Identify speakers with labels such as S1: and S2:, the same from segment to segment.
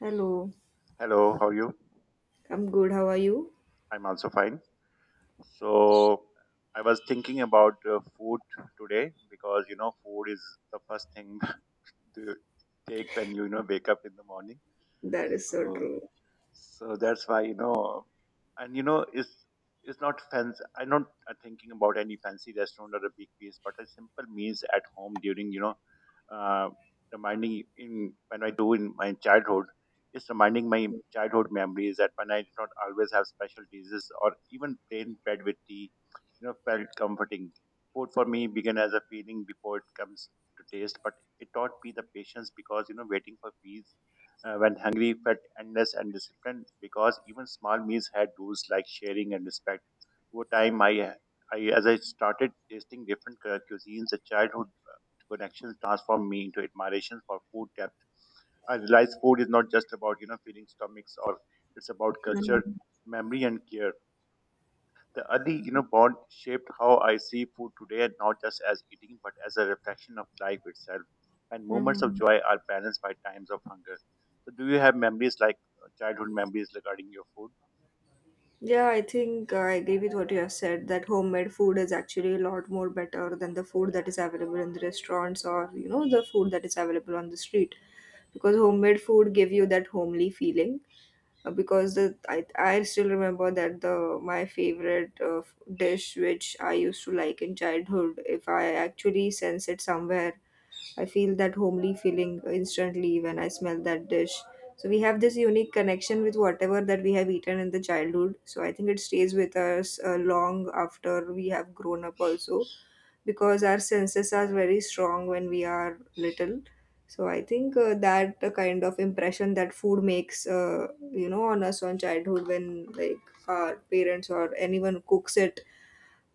S1: Hello,
S2: Hello, how are you?
S1: I'm good. How are you?
S2: I'm also fine. So, I was thinking about food today because food is the first thing to take when you know wake up in the morning.
S1: That is so
S2: So
S1: true.
S2: so that's why and it's not fancy, I'm not thinking about any fancy restaurant or a big place, but a simple meals at home during uh, reminding in when I do in my childhood. It's reminding my childhood memories that when I did not always have special dishes or even plain bread with tea, felt comforting. Food for me began as a feeling before it comes to taste, but it taught me the patience because waiting for peace when hungry felt endless, and disciplined because even small meals had rules like sharing and respect. Over time, I as I started tasting different cuisines, the childhood connections transformed me into admiration for food depth. I realized food is not just about filling stomachs, or it's about culture,
S1: Mhm.
S2: memory, and care. The early, bond shaped how I see food today, and not just as eating, but as a reflection of life itself. And moments of
S1: Mhm.
S2: joy are balanced by times of hunger. So, do you have memories like childhood memories regarding your food?
S1: Yeah, I think I agree with what you have said that homemade food is actually a lot more better than the food that is available in the restaurants or, you know, the food that is available on the street. Because homemade food give you that homely feeling. Because the I still remember that the my favorite dish which I used to like in childhood, if I actually sense it somewhere, I feel that homely feeling instantly when I smell that dish. So we have this unique connection with whatever that we have eaten in the childhood. So I think it stays with us long after we have grown up also, because our senses are very strong when we are little. So I think that kind of impression that food makes, on us on childhood when like our parents or anyone cooks it,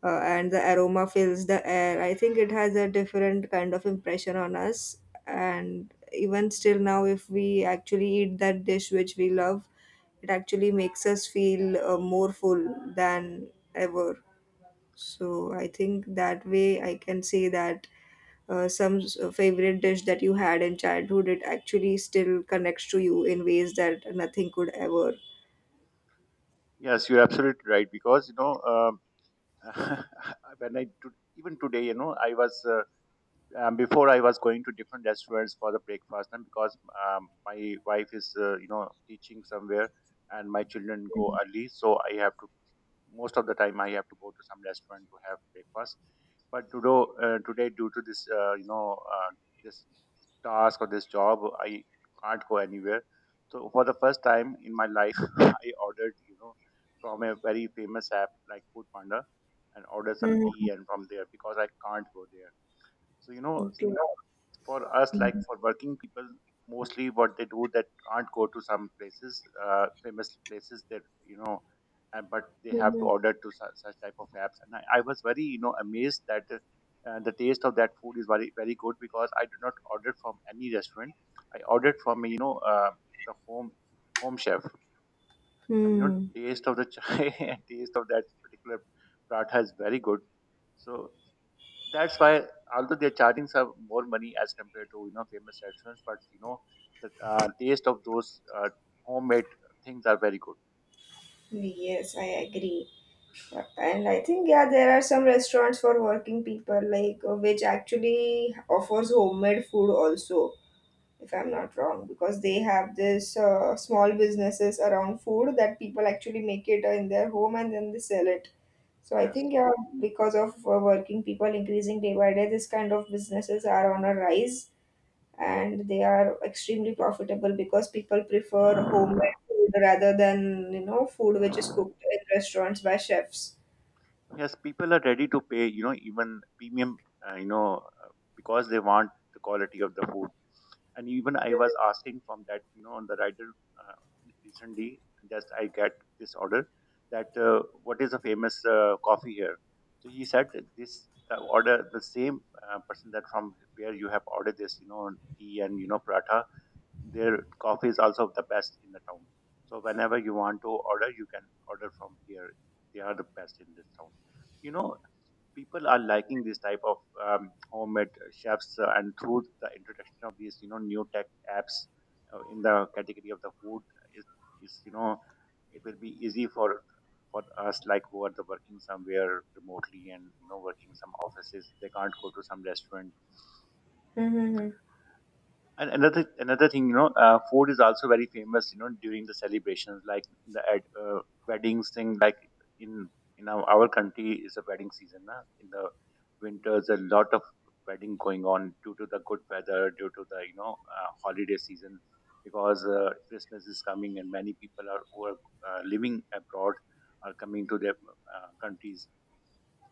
S1: and the aroma fills the air. I think it has a different kind of impression on us. And even still now, if we actually eat that dish which we love, it actually makes us feel more full than ever. So I think that way I can say that favorite dish that you had in childhood, it actually still connects to you in ways that nothing could ever.
S2: Yes, you're absolutely right. Because when I to, even today, I was before I was going to different restaurants for the breakfast, and because my wife is, teaching somewhere, and my children go early, so I have to most of the time I have to go to some restaurant to have breakfast. But today due to this you know this task or this job I can't go anywhere. So for the first time in my life I ordered from a very famous app like foodpanda, and ordered some
S1: Hmm.
S2: tea and from there because I can't go there. So
S1: Okay.
S2: for us, like
S1: Mhm.
S2: for working people, mostly what they do that can't go to some places, famous places that and but they have to
S1: Mhm.
S2: order to such type of apps. And I was very amazed that the taste of that food is very very good because I did not order from any restaurant. I ordered from the home chef, and
S1: Hmm.
S2: taste of the chai and taste of that particular paratha is very good. So that's why although they're charging some more money as compared to famous restaurants, but the taste of those homemade things are very good.
S1: Yes, I agree. And I think, yeah, there are some restaurants for working people, like which actually offers homemade food also, if I'm not wrong, because they have this small businesses around food that people actually make it in their home and then they sell it. So I
S2: Yes.
S1: think, yeah, because of working people increasing day by day, this kind of businesses are on a rise, and they are extremely profitable because people prefer homemade food rather than, you know, food which is cooked in restaurants by chefs.
S2: Yes, people are ready to pay even premium uh, you know uh, because they want the quality of the food. And even I was asking from that on the rider uh, recently. Just I get this order that what is a famous coffee here. So he said that this the order the same person that from where you have ordered this tea and paratha, their coffee is also the best in the town. So whenever you want to order, you can order from here. They are the best in this town. you know people are liking this type of homemade chefs, and through the introduction of these new tech apps in the category of the food is, is it will be easy for us, like who are the working somewhere remotely, and working some offices, they can't go to some restaurant.
S1: Mm-hmm.
S2: And another thing, food is also very famous. During the celebrations, like in the ad, weddings thing, like in in our country is a wedding season. Na? In the winters, a lot of wedding going on due to the good weather, due to the holiday season, because Christmas is coming and many people are who are living abroad are coming to their countries.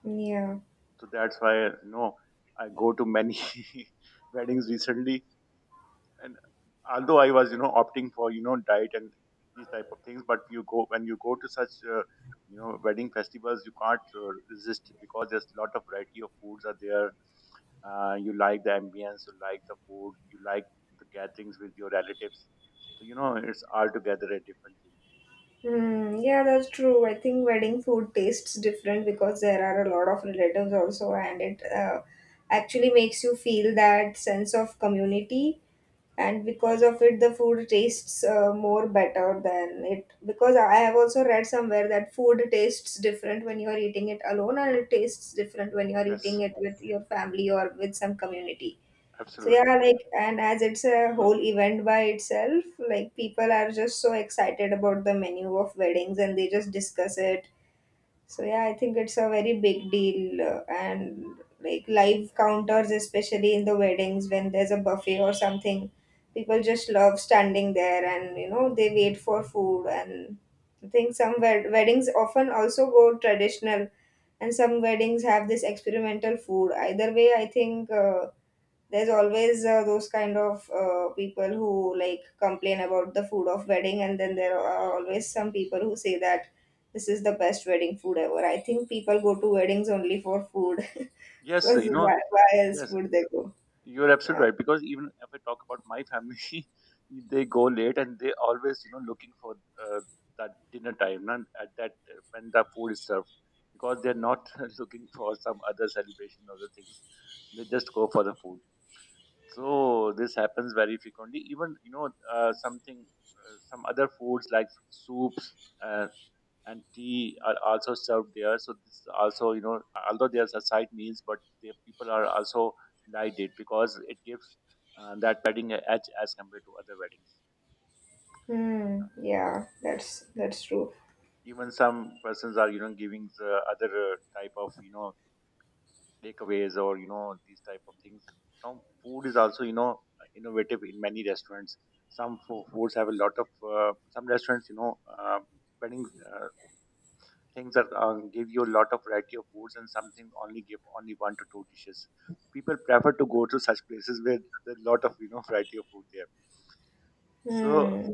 S1: Yeah.
S2: So that's why I go to many weddings recently, and although I was opting for diet and these type of things, but you go when you go to such wedding festivals, you can't resist because there's a lot of variety of foods are there. You like the ambience, you like the food, you like the gatherings with your relatives. So it's altogether a different thing.
S1: Hmm. Yeah, that's true. I think wedding food tastes different because there are a lot of relatives also, and it actually makes you feel that sense of community, and because of it the food tastes more better than it, because I have also read somewhere that food tastes different when you are eating it alone and it tastes different when you are
S2: Yes,
S1: eating it with your family or with some community. So
S2: absolute.
S1: yeah, like, and as it's a whole event by itself, like people are just so excited about the menu of weddings and they just discuss it. So yeah, I think it's a very big deal, and like live counters, especially in the weddings when there's a buffet or something, people just love standing there and you know they wait for food. And I think some weddings often also go traditional, and some weddings have this experimental food. Either way, I think there's always those kind of people who like complain about the food of wedding, and then there are always some people who say that this is the best wedding food ever. I think people go to weddings only for food
S2: Yes, you
S1: because
S2: know.
S1: why else
S2: Yes,
S1: would they go.
S2: you're
S1: Yeah.
S2: absolutely right because even if I talk about my family, they go late and they always, looking for that dinner time, and at that when the food is served, because they're not looking for some other celebration or other things. They just go for the food. So this happens very frequently. Even something, some other foods like soups. Uh, and tea are also served there. So this also, although there's a side meals, but the people are also liked it because it gives that wedding a edge as compared to other weddings.
S1: Hmm. Yeah, that's true.
S2: Even some persons are, giving the other type of, takeaways or these type of things. Now food is also, innovative in many restaurants. Some foods have a lot of some restaurants, wedding uh, things that give you a lot of variety of foods, and something only give only one to two dishes. People prefer to go to such places where there's a lot of variety of food there. So
S1: Hmm.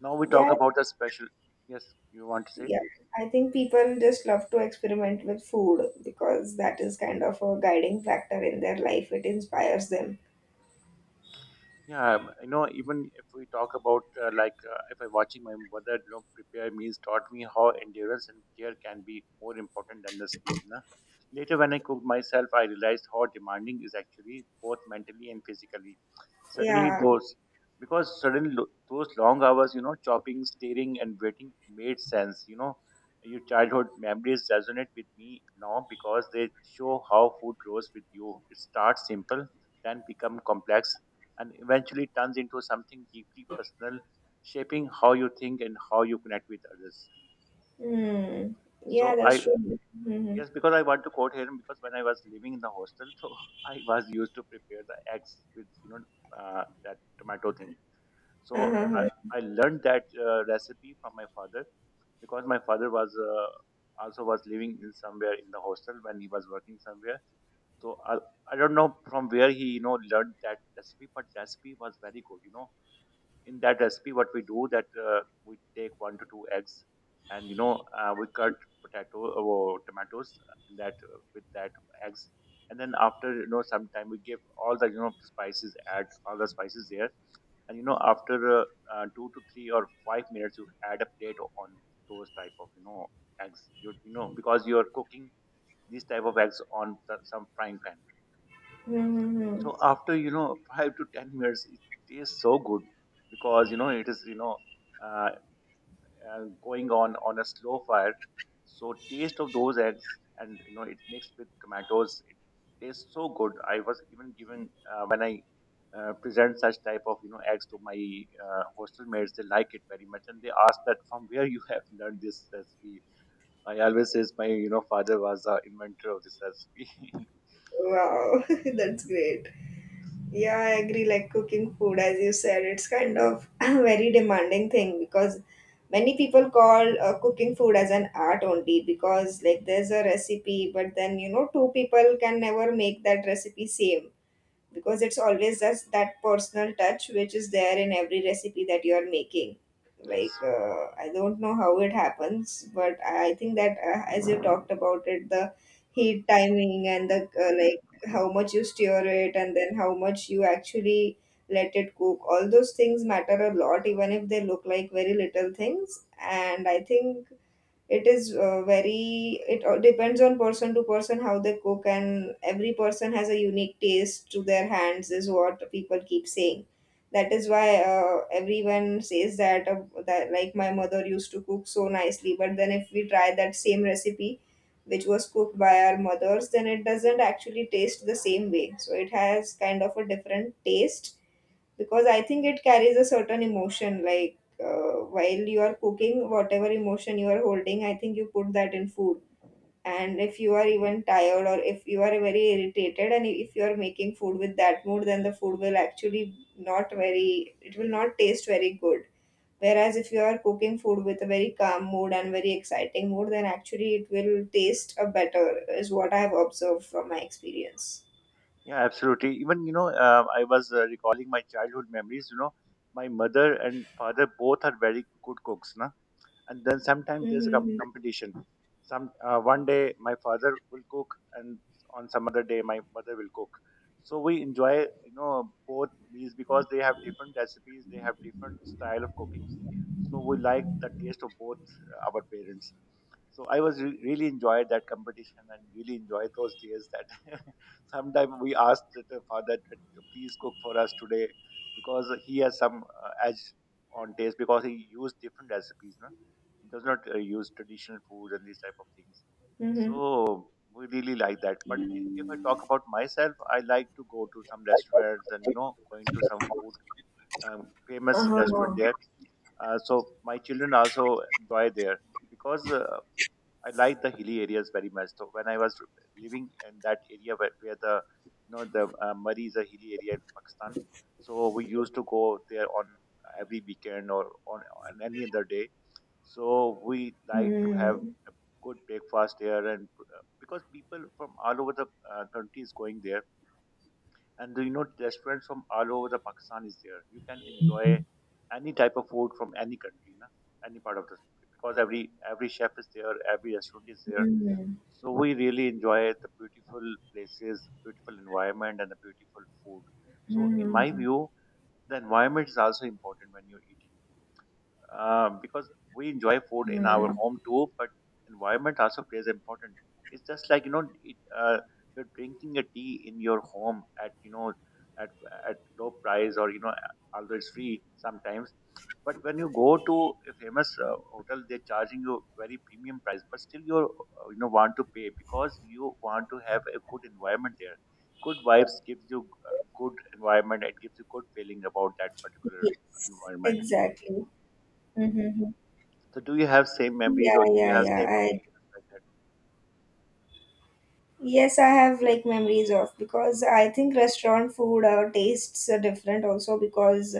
S2: now we talk
S1: Yeah,
S2: about the special. Yes, you want to say?
S1: yeah, I think people just love to experiment with food because that is kind of a guiding factor in their life, it inspires them.
S2: Yeah, even if we talk about like if I watching my mother, prepare meals taught me how endurance and care can be more important than the speed. Na? Later, when I cooked myself, I realized how demanding is actually both mentally and physically. Suddenly,
S1: Yeah.
S2: those because suddenly those long hours, chopping, staring, and waiting made sense. Your childhood memories resonate with me now because they show how food grows with you. It starts simple, then become complex, and eventually turns into something deeply personal, shaping how you think and how you connect with others.
S1: Hmm. Yeah,
S2: So
S1: that's
S2: I
S1: true. Mm-hmm.
S2: yes, because I want to quote here, because when I was living in the hostel, so I was used to prepare the eggs with that tomato thing. So I,
S1: Uh-huh.
S2: I learned that recipe from my father, because my father was also was living in somewhere in the hostel when he was working somewhere. So I don't know from where he learned that recipe, but recipe was very good. In that recipe, what we do that we take one to two eggs, and we cut potato or tomatoes in that with that eggs, and then after sometime we give all the spices, add all the spices there. And after 2 to 3 or 5 minutes, you add a plate on those type of eggs, because you're cooking these type of eggs on some frying pan.
S1: Mm-hmm.
S2: So after 5 to 10 minutes, it tastes so good because it is uh, going on a slow fire. So taste of those eggs and it mixed with tomatoes, it tastes so good. I was even given when I present such type of eggs to my hostel mates, they like it very much, and they ask that from where you have learned this recipe. I always says my father was the inventor of this recipe.
S1: Wow, that's great. Yeah, I agree. Like cooking food, as you said, it's kind of a very demanding thing because many people call cooking food as an art only because like there's a recipe, but then you know two people can never make that recipe same because it's always just that personal touch which is there in every recipe that you are making. Like
S2: Yes.
S1: I don't know how it happens, but I think that as you talked about it, the heat timing and the like how much you stir it and then how much you actually let it cook, all those things matter a lot even if they look like very little things. And I think it is very it all depends on person to person how they cook, and every person has a unique taste to their hands is what people keep saying. That is why everyone says that that like my mother used to cook so nicely, but then if we try that same recipe which was cooked by our mothers, then it doesn't actually taste the same way. So it has kind of a different taste because I think it carries a certain emotion. Like while you are cooking, whatever emotion you are holding, I think you put that in food. And if you are even tired or if you are very irritated and if you are making food with that mood, then the food will actually not very, it will not taste very good. Whereas if you are cooking food with a very calm mood and very exciting mood, then actually it will taste a better, is what I have observed from my experience.
S2: Yeah, absolutely. Even I was recalling my childhood memories. My mother and father both are very good cooks, na. And then sometimes there's a
S1: Mm-hmm.
S2: competition, some one day my father will cook and on some other day my mother will cook. So we enjoy both meals because they have different recipes, they have different style of cooking. So we like the taste of both our parents. So I was really enjoyed that competition and really enjoyed those days that sometimes we asked the father that please cook for us today because he has some edge on taste because he used different recipes, no? It does not use traditional foods and these type of things.
S1: Mm-hmm.
S2: So we really like that. But if I talk about myself, I like to go to some restaurants and you know going to some food famous restaurant
S1: Uh-huh.
S2: there. So my children also enjoy there because I like the hilly areas very much. So when I was living in that area where the you know the Murray is a hilly area in Pakistan, so we used to go there on every weekend or on any other day, so we like to have
S1: Mm-hmm.
S2: a good breakfast here, and because people from all over the country is going there, and the, you know restaurants from all over the Pakistan is there. You can enjoy any type of food from any country, na? Any part of the because every chef is there, every restaurant is there.
S1: Mhm.
S2: So we really enjoy the beautiful places, beautiful environment, and the beautiful food. So in my
S1: Mhm.
S2: view, the environment is also important when you're eating because we enjoy food in our
S1: Mhm.
S2: home too, but environment also plays important. It's just like you know, you're drinking a tea in your home at you know at at low price or you know although it's free sometimes. But when you go to a famous hotel, they're charging you very premium price, but still you you know want to pay because you want to have a good environment there. Good vibes gives you good environment. It gives you good feeling about that particular
S1: Yes,
S2: environment.
S1: exactly. Mm-hmm.
S2: So do you have same memories
S1: Yeah,
S2: or do you
S1: yeah,
S2: have
S1: yeah.
S2: same
S1: I
S2: opinions like that?
S1: Yes, I have
S2: Do you-
S1: like memories of because I think restaurant food tastes are different also because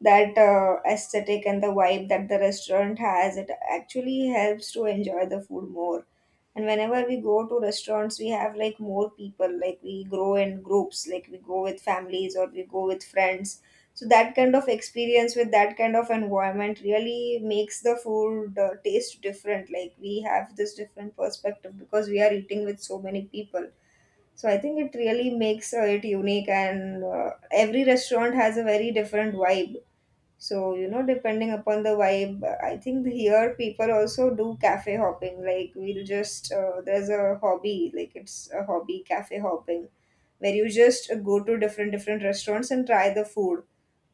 S1: that aesthetic and the vibe that the restaurant has, it actually helps to enjoy the food more. And whenever we go to restaurants, we have like more people, like we grow in groups, like we go with families or we go with friends. So that kind of experience with that kind of environment really makes the food taste different. Like we have this different perspective because we are eating with so many people. So I think it really makes it unique, and every restaurant has a very different vibe. So, you know, depending upon the vibe, I think here people also do cafe hopping. Like, we'll just, there's a hobby, like it's a hobby cafe hopping, where you just go to different restaurants and try the food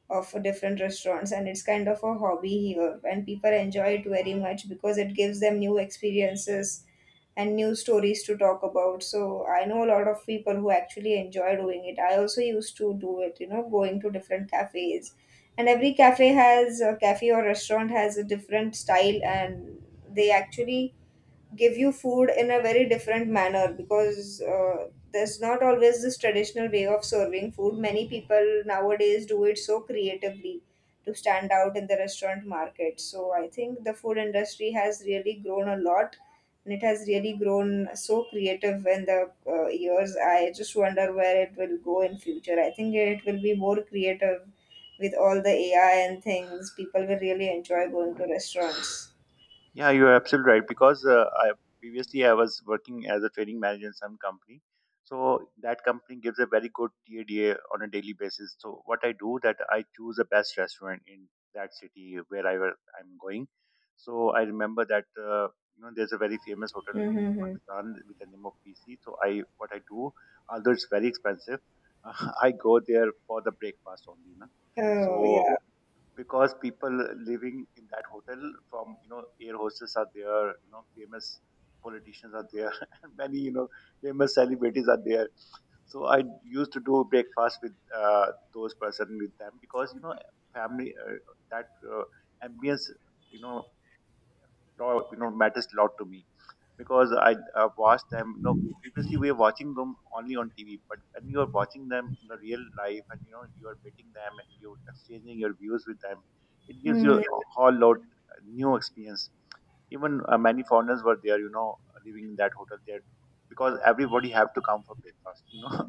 S1: of different restaurants. And it's kind of a hobby here. And people enjoy it very much because it gives them new experiences and new stories to talk about. So I know a lot of people who actually enjoy doing it. I also used to do it, you know, going to different cafes. And every cafe has a cafe or restaurant has a different style, and they actually give you food in a very different manner because there's not always this traditional way of serving food. Many people nowadays do it so creatively to stand out in the restaurant market. So I think the food industry has really grown a lot, and it has really grown so creative in the years. I just wonder where it will go in future. I think it will be more creative with all the AI and things. People will really enjoy going to restaurants.
S2: Yeah, you're absolutely right because I previously I was working as a training manager in some company. So that company gives a very good TADA on a daily basis. So what I do that I choose the best restaurant in that city wherever I'm going. So I remember that you know there's a very famous hotel in
S1: Mm-hmm.
S2: Pakistan with the name of PC. So I what I do, although it's very expensive, I go there for the breakfast only, na.
S1: Oh,
S2: So
S1: yeah.
S2: because people living in that hotel, from you know air hostess are there, you know famous politicians are there, and many you know famous celebrities are there, so I used to do breakfast with uh, those person with them, because you know family that uh, ambience you know you know matters a lot to me, because I watched them. You know, previously we were watching them only on TV, but when you are watching them in the real life, and you know you are meeting them and you're exchanging your views with them, it gives you
S1: Hmm.
S2: a whole lot new experience. Even many foreigners were there, you know, living in that hotel there, because everybody have to come for breakfast, you know.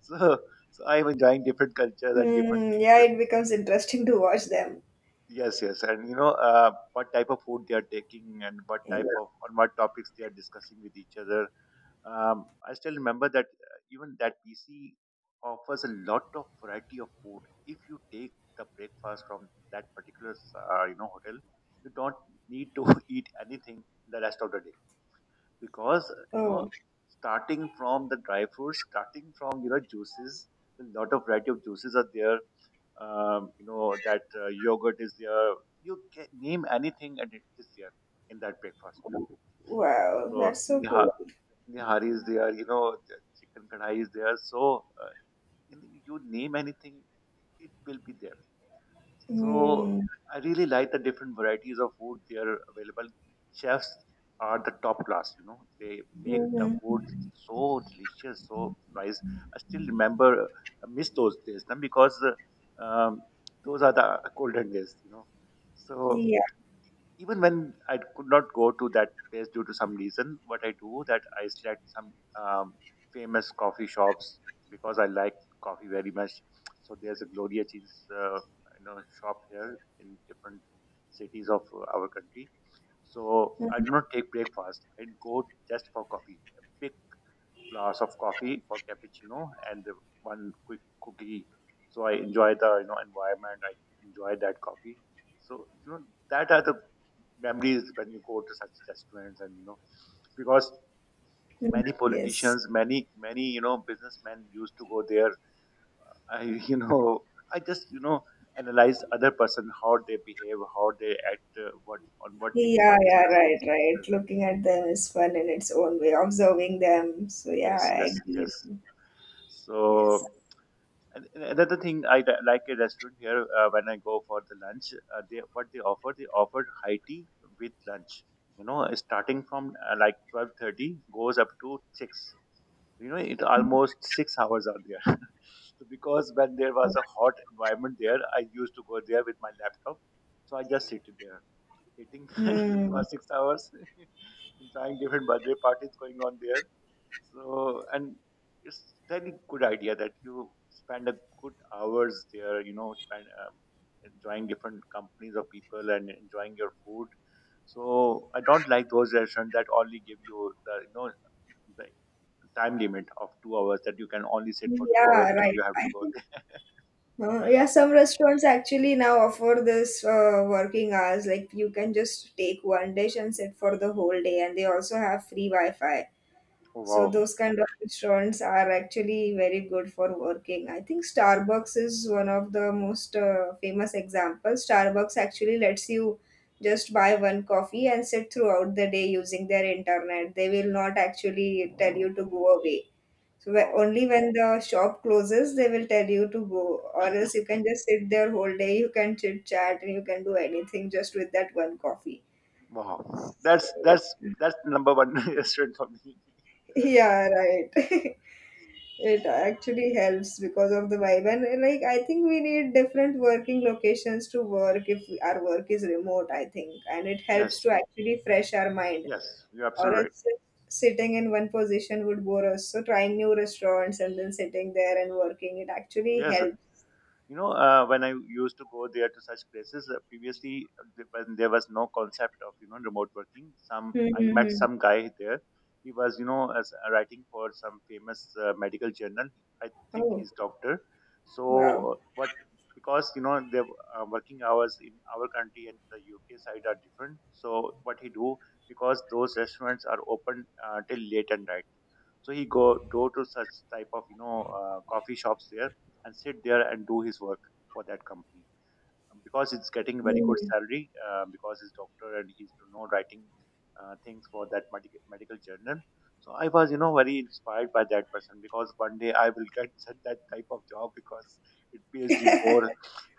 S2: so, so I'm enjoying different cultures and different
S1: Hmm.
S2: things.
S1: Yeah, it becomes interesting to watch them.
S2: Yes, yes, and you know what type of food they are taking and what type
S1: Yeah.
S2: of on what topics they are discussing with each other. I still remember that even that PC offers a lot of variety of food. If you take the breakfast from that particular you know hotel, you don't need to eat anything the rest of the day, because you know,
S1: Oh,
S2: starting from the dry fruits, starting from you know juices, a lot of variety of juices are there. You know that yogurt is there. You can name anything and it is there in that breakfast.
S1: wow,
S2: So
S1: that's so
S2: yeah,
S1: cool.
S2: Nihari is there, you know, the chicken kadhai is there. So, you you name anything, it will be there. So,
S1: Hmm.
S2: I really like the different varieties of food they are available. Chefs are the top class, you know, they make the food
S1: Hmm.
S2: so delicious, so nice. I still remember, I miss those days, na, because uh, um, those are the golden days, you know. So,
S1: Yeah.
S2: even when I could not go to that place due to some reason, what I do that I select some um, famous coffee shops because I like coffee very much. So there's a Gloria Cheese, you know, shop here in different cities of our country. So I
S1: Mhm.
S2: do not take breakfast. I go just for coffee. A big glass of coffee for cappuccino and the one quick cookie. So I enjoy the you know environment. I enjoy that coffee. So you know that are the memories when you go to such restaurants, and you know because many
S1: Yes.
S2: politicians, many you know businessmen used to go there. I you know, I just you know analyze other person how they behave, how they act, what on what things they
S1: Yeah,
S2: are
S1: yeah,
S2: discussing
S1: right,
S2: with each
S1: right.
S2: other.
S1: Looking at them is fun in its own way, observing them. So, yeah,
S2: Yes, yes,
S1: I agree
S2: yes.
S1: with you. Yes.
S2: So, and another thing I like a restaurant here when I go for the lunch, they what they offer high tea with lunch. You know, starting from like 12:30 goes up to six. You know, it almost 6 hours are there. So because when there was
S1: Oh.
S2: a hot environment there, I used to go there with my laptop. So I just sit there eating for
S1: Hmm.
S2: 6 hours, enjoying different birthday parties going on there. So, and it's really good idea that you spend a good hours there, you know, spend enjoying different companies of people and enjoying your food. So I don't like those restaurants that only give you the you know the time limit of 2 hours, that you can only sit for 2 hours
S1: Yeah,
S2: and you
S1: right.
S2: have
S1: I
S2: to go there.
S1: Yeah, some restaurants actually now offer this working hours. Like you can just take one dish and sit for the whole day, and they also have free Wi-Fi. So
S2: Wow,
S1: those kind of restaurants are actually very good for working. I think Starbucks is one of the most famous examples. Starbucks actually lets you just buy one coffee and sit throughout the day using their internet. They will not actually tell you to go away, so
S2: wow,
S1: only when the shop closes, they will tell you to go, or else you can just sit there whole day. You can chit chat and you can do anything just with that one coffee.
S2: wow!
S1: So,
S2: That's that's number one restaurant for me.
S1: yeah, right. It
S2: So,
S1: actually helps because of the vibe, and like I think we need different working locations to work if our work is remote. I think, and it helps
S2: yes,
S1: to actually fresh our mind,
S2: yes, you're
S1: or
S2: absolutely right.
S1: else sitting in one position would bore us. So trying new restaurants and then sitting there and working, it actually
S2: Yes.
S1: helps.
S2: You know, when I used to go there to such places previously, when there was no concept of you know remote working, some I met
S1: Mm-hmm.
S2: some guy there. He was you know as writing for some famous medical journal. I think
S1: Oh,
S2: he's doctor. So,
S1: wow.
S2: but because you know the working hours in our country and the UK side are different. So what he do, because those restaurants are open till late at night. So he go to such type of you know coffee shops there and sit there and do his work for that company. Because it's getting very good
S1: Mm.
S2: salary because he's doctor and he's you know writing things for that medical journal. So I was you know very inspired by that person, because one day I will get such that type of job because it pays you more,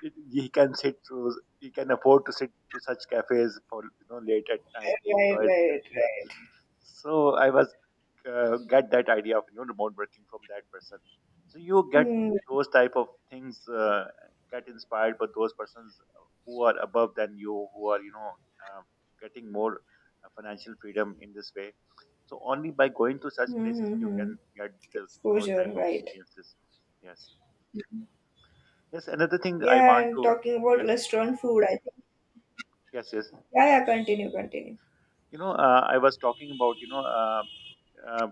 S2: he can sit through he can afford to sit to such cafes for you know late at night, he
S1: Right,
S2: enjoys that.
S1: right,
S2: So I was get that idea of you know remote working from that person. So you get
S1: right.
S2: those type of things get inspired by those persons who are above than you, who are you know uh, getting more financial freedom in this way. So only by going to such places you
S1: Mm-hmm.
S2: can get those type
S1: Exposure,
S2: of
S1: right.
S2: experiences. Yes. Yes. Another thing I
S1: Yeah,
S2: want
S1: and
S2: to,
S1: talking about
S2: yes,
S1: restaurant food, I think.
S2: yes, yes.
S1: Yeah, yeah, continue, continue.
S2: You know I was talking about you know. Uh,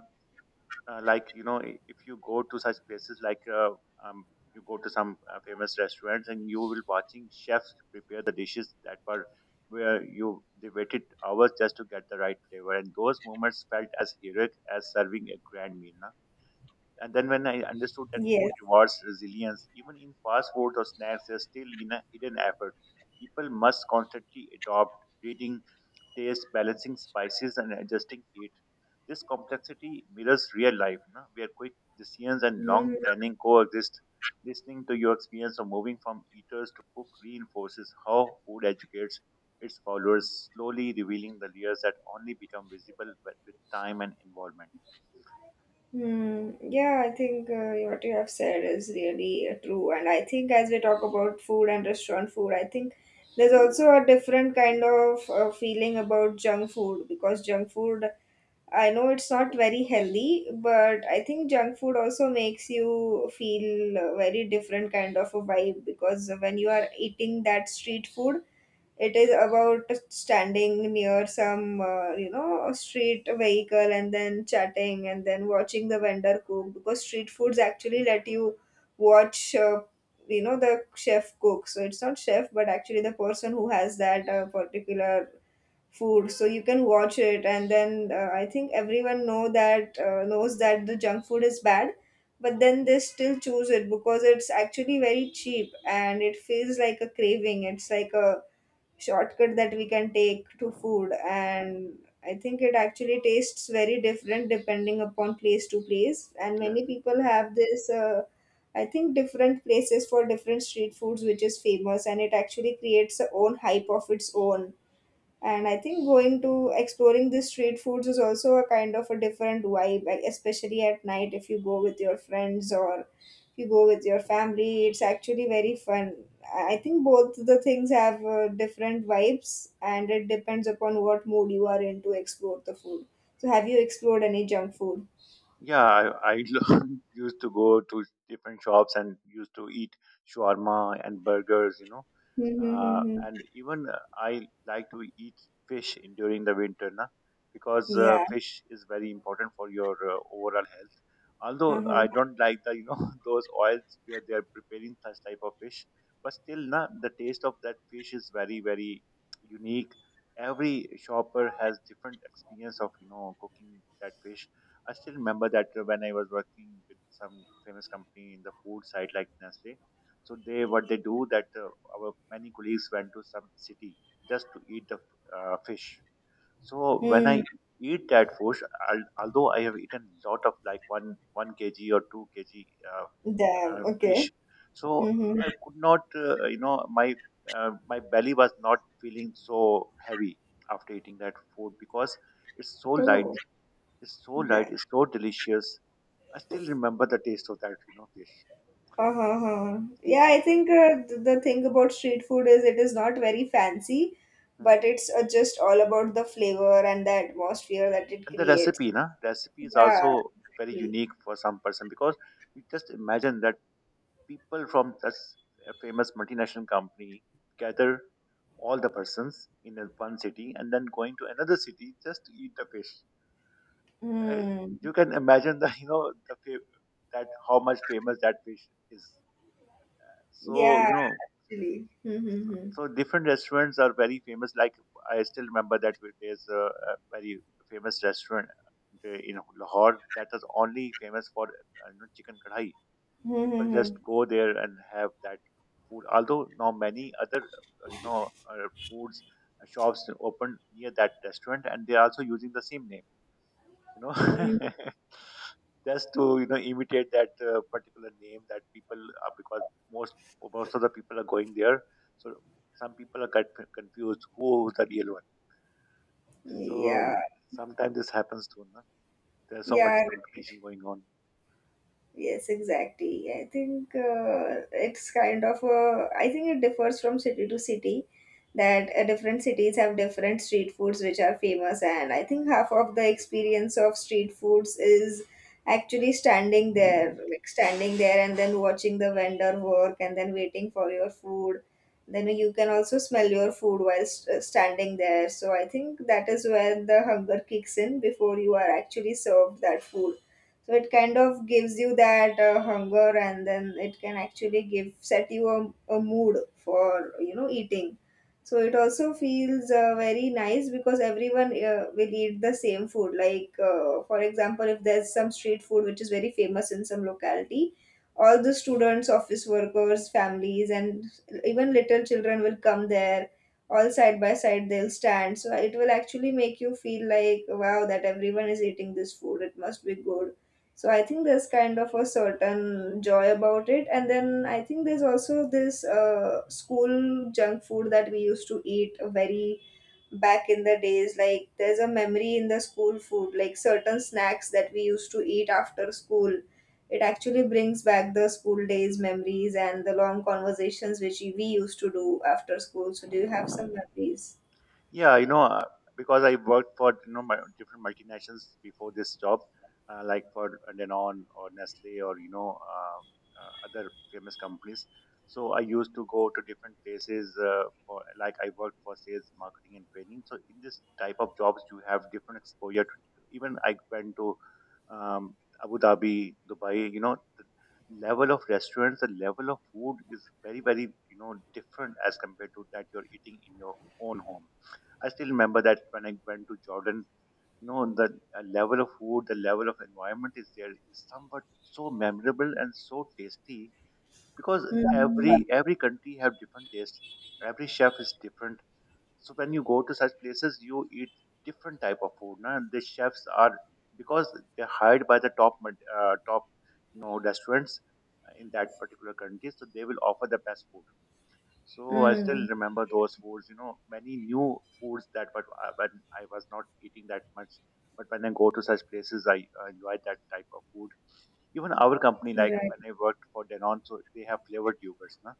S2: like you know, if you go to such places like um, you go to some famous restaurants and you will watching chefs prepare the dishes that were where you they waited hours just to get the right flavor, and those moments felt as heroic as serving a grand meal, na? And then when I understood that
S1: Yes.
S2: food rewards resilience, even in fast food or snacks there's still you know, hidden effort, people must constantly adopt, reading taste, balancing spices and adjusting heat. This complexity mirrors real life, you know, where quick decisions and long
S1: Mm-hmm.
S2: planning coexist. Listening to your experience of moving from eaters to cook reinforces how food educates its followers, slowly revealing the layers that only become visible with time and involvement.
S1: Mm, yeah, I think what you have said is really true. And I think as we talk about food and restaurant food, I think there's also a different kind of feeling about junk food. Because junk food, I know it's not very healthy, but I think junk food also makes you feel a very different kind of a vibe. Because when you are eating that street food, it is about standing near some, street vehicle and then chatting and then watching the vendor cook, because street foods actually let you watch, the chef cook. So it's not chef, but actually the person who has that particular food, so you can watch it. And then I think everyone knows that the junk food is bad, but then they still choose it because it's actually very cheap and it feels like a craving. It's like a shortcut that we can take to food. And I think it actually tastes very different depending upon place to place, and
S2: Yes.
S1: many people have this I think different places for different street foods which is famous, and it actually creates a own hype of its own. And I think going to exploring the street foods is also a kind of a different vibe, like especially at night if you go with your friends or if you go with your family. It's actually very fun. I think both the things have different vibes, and it depends upon what mood you are in to explore the food. So, have you explored any junk food?
S2: Yeah, I used to go to different shops and used to eat shawarma and burgers, you know.
S1: Mm-hmm.
S2: And even I like to eat fish during the winter, na, because
S1: Yeah.
S2: fish is very important for your overall health. Although
S1: Uh-huh.
S2: I don't like the, you know, those oils where they are preparing such type of fish, but still, na, the taste of that fish is very, very unique. Every shopper has different experience of, you know, cooking that fish. I still remember that when I was working with some famous company in the food side, like Nestle. So they what they do that our many colleagues went to some city just to eat the fish. So when
S1: Mm.
S2: I eat that fish, al although I have eaten lot of like one kg or two kg uh,
S1: Damn. Okay.
S2: fish, so
S1: Mm-hmm.
S2: I could not, you know, my my belly was not feeling so heavy after eating that food, because it's so light,
S1: Oh,
S2: it's so light,
S1: damn.
S2: it's so delicious. I still remember the taste of that, you know, fish.
S1: Uh-huh. Huh. Yeah,
S2: So,
S1: I think the thing about street food is it is not very fancy,
S2: hmm.
S1: but it's just all about the flavor and the atmosphere that it
S2: And the
S1: creates.
S2: recipe, na, recipe is
S1: Yeah,
S2: also very
S1: exactly.
S2: unique for some person, because you just imagine that people from such a famous multinational company gather all the persons in one city and then going to another city just to eat the fish. Uh,
S1: Mm.
S2: you can imagine the you know the that how much famous that fish is. So you
S1: Yeah,
S2: know,
S1: actually.
S2: so
S1: Mm-hmm.
S2: so different restaurants are very famous. Like I still remember that there's a very famous restaurant in Lahore that was only famous for you know, chicken kadhai. People just
S1: Mm-hmm.
S2: go there and have that food. Although now many other you know foods shops open near that restaurant, and they are also using the same name you know just to you know imitate that particular name that people are, because most most of the people are going there, so some people are get confused who is the real one. So
S1: Yeah,
S2: sometimes this happens too, no? There's so much
S1: yeah, right.
S2: competition going on.
S1: Yes, exactly. I think it's kind of a, I think it differs from city to city, that different cities have different street foods which are famous. And I think half of the experience of street foods is actually standing there, like standing there and then watching the vendor work and then waiting for your food. Then you can also smell your food while standing there. So I think that is where the hunger kicks in before you are actually served that food. So it kind of gives you that hunger, and then it can actually give set you a mood for eating. So it also feels very nice, because everyone will eat the same food. Like for example, if there's some street food which is very famous in some locality, all the students, office workers, families, and even little children will come there, all side by side they'll stand. So it will actually make you feel like, wow, that everyone is eating this food, it must be good. So I think there's kind of a certain joy about it. And then I think there's also this school junk food that we used to eat very back in the days. Like there's a memory in the school food, like certain snacks that we used to eat after school. It actually brings back the school days memories and the long conversations which we used to do after school. So do you have some memories?
S2: Yeah, you know, because I worked for you know my different multinationals before this job, like for Danone or Nestle or you know other famous companies. So I used to go to different places for like I worked for sales, marketing, and training. So in this type of jobs, you have different exposure. Even I went to um, Abu Dhabi, Dubai. You know, the level of restaurants, the level of food is very very you know different as compared to that you're eating in your own home. I still remember that when I went to Jordan, you know, the level of food, the level of environment is there is somewhat so memorable and so tasty, because
S1: Mm,
S2: every country have different taste. Every chef is different. So when you go to such places, you eat different type of food. Now the chefs are because they're hired by the top top you know restaurants in that particular country, so they will offer the best food. So I still
S1: mm,
S2: remember those foods, you know, many new foods that were when I was not eating that much. But when I go to such places, I enjoy that type of food. Even our company, like
S1: right.
S2: when I worked for Danone, so they have flavored yogurts, na?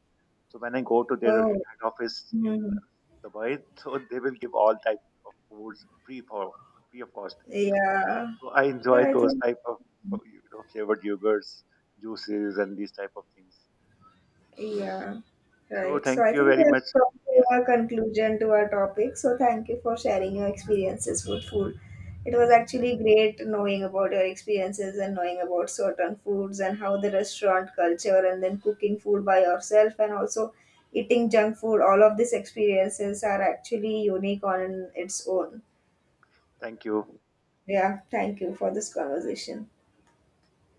S2: So when I go to their
S1: Oh.
S2: head office in
S1: Hmm.
S2: Dubai, so they will give all types of foods free for free of cost.
S1: Yeah.
S2: So I enjoy
S1: Yeah, I
S2: those
S1: think.
S2: type of you know flavored yogurts, juices, and these type of things.
S1: Yeah,
S2: So
S1: right. So
S2: thank
S1: I
S2: you
S1: think
S2: very
S1: we
S2: much.
S1: have come
S2: Yes,
S1: to a conclusion to our topic. So thank you for sharing your experiences with food. It was
S2: yes.
S1: actually great knowing about your experiences and knowing about certain foods, and how the restaurant culture and then cooking food by yourself and also eating junk food, all of these experiences are actually unique on its own.
S2: Thank you.
S1: Yeah, thank you for this conversation.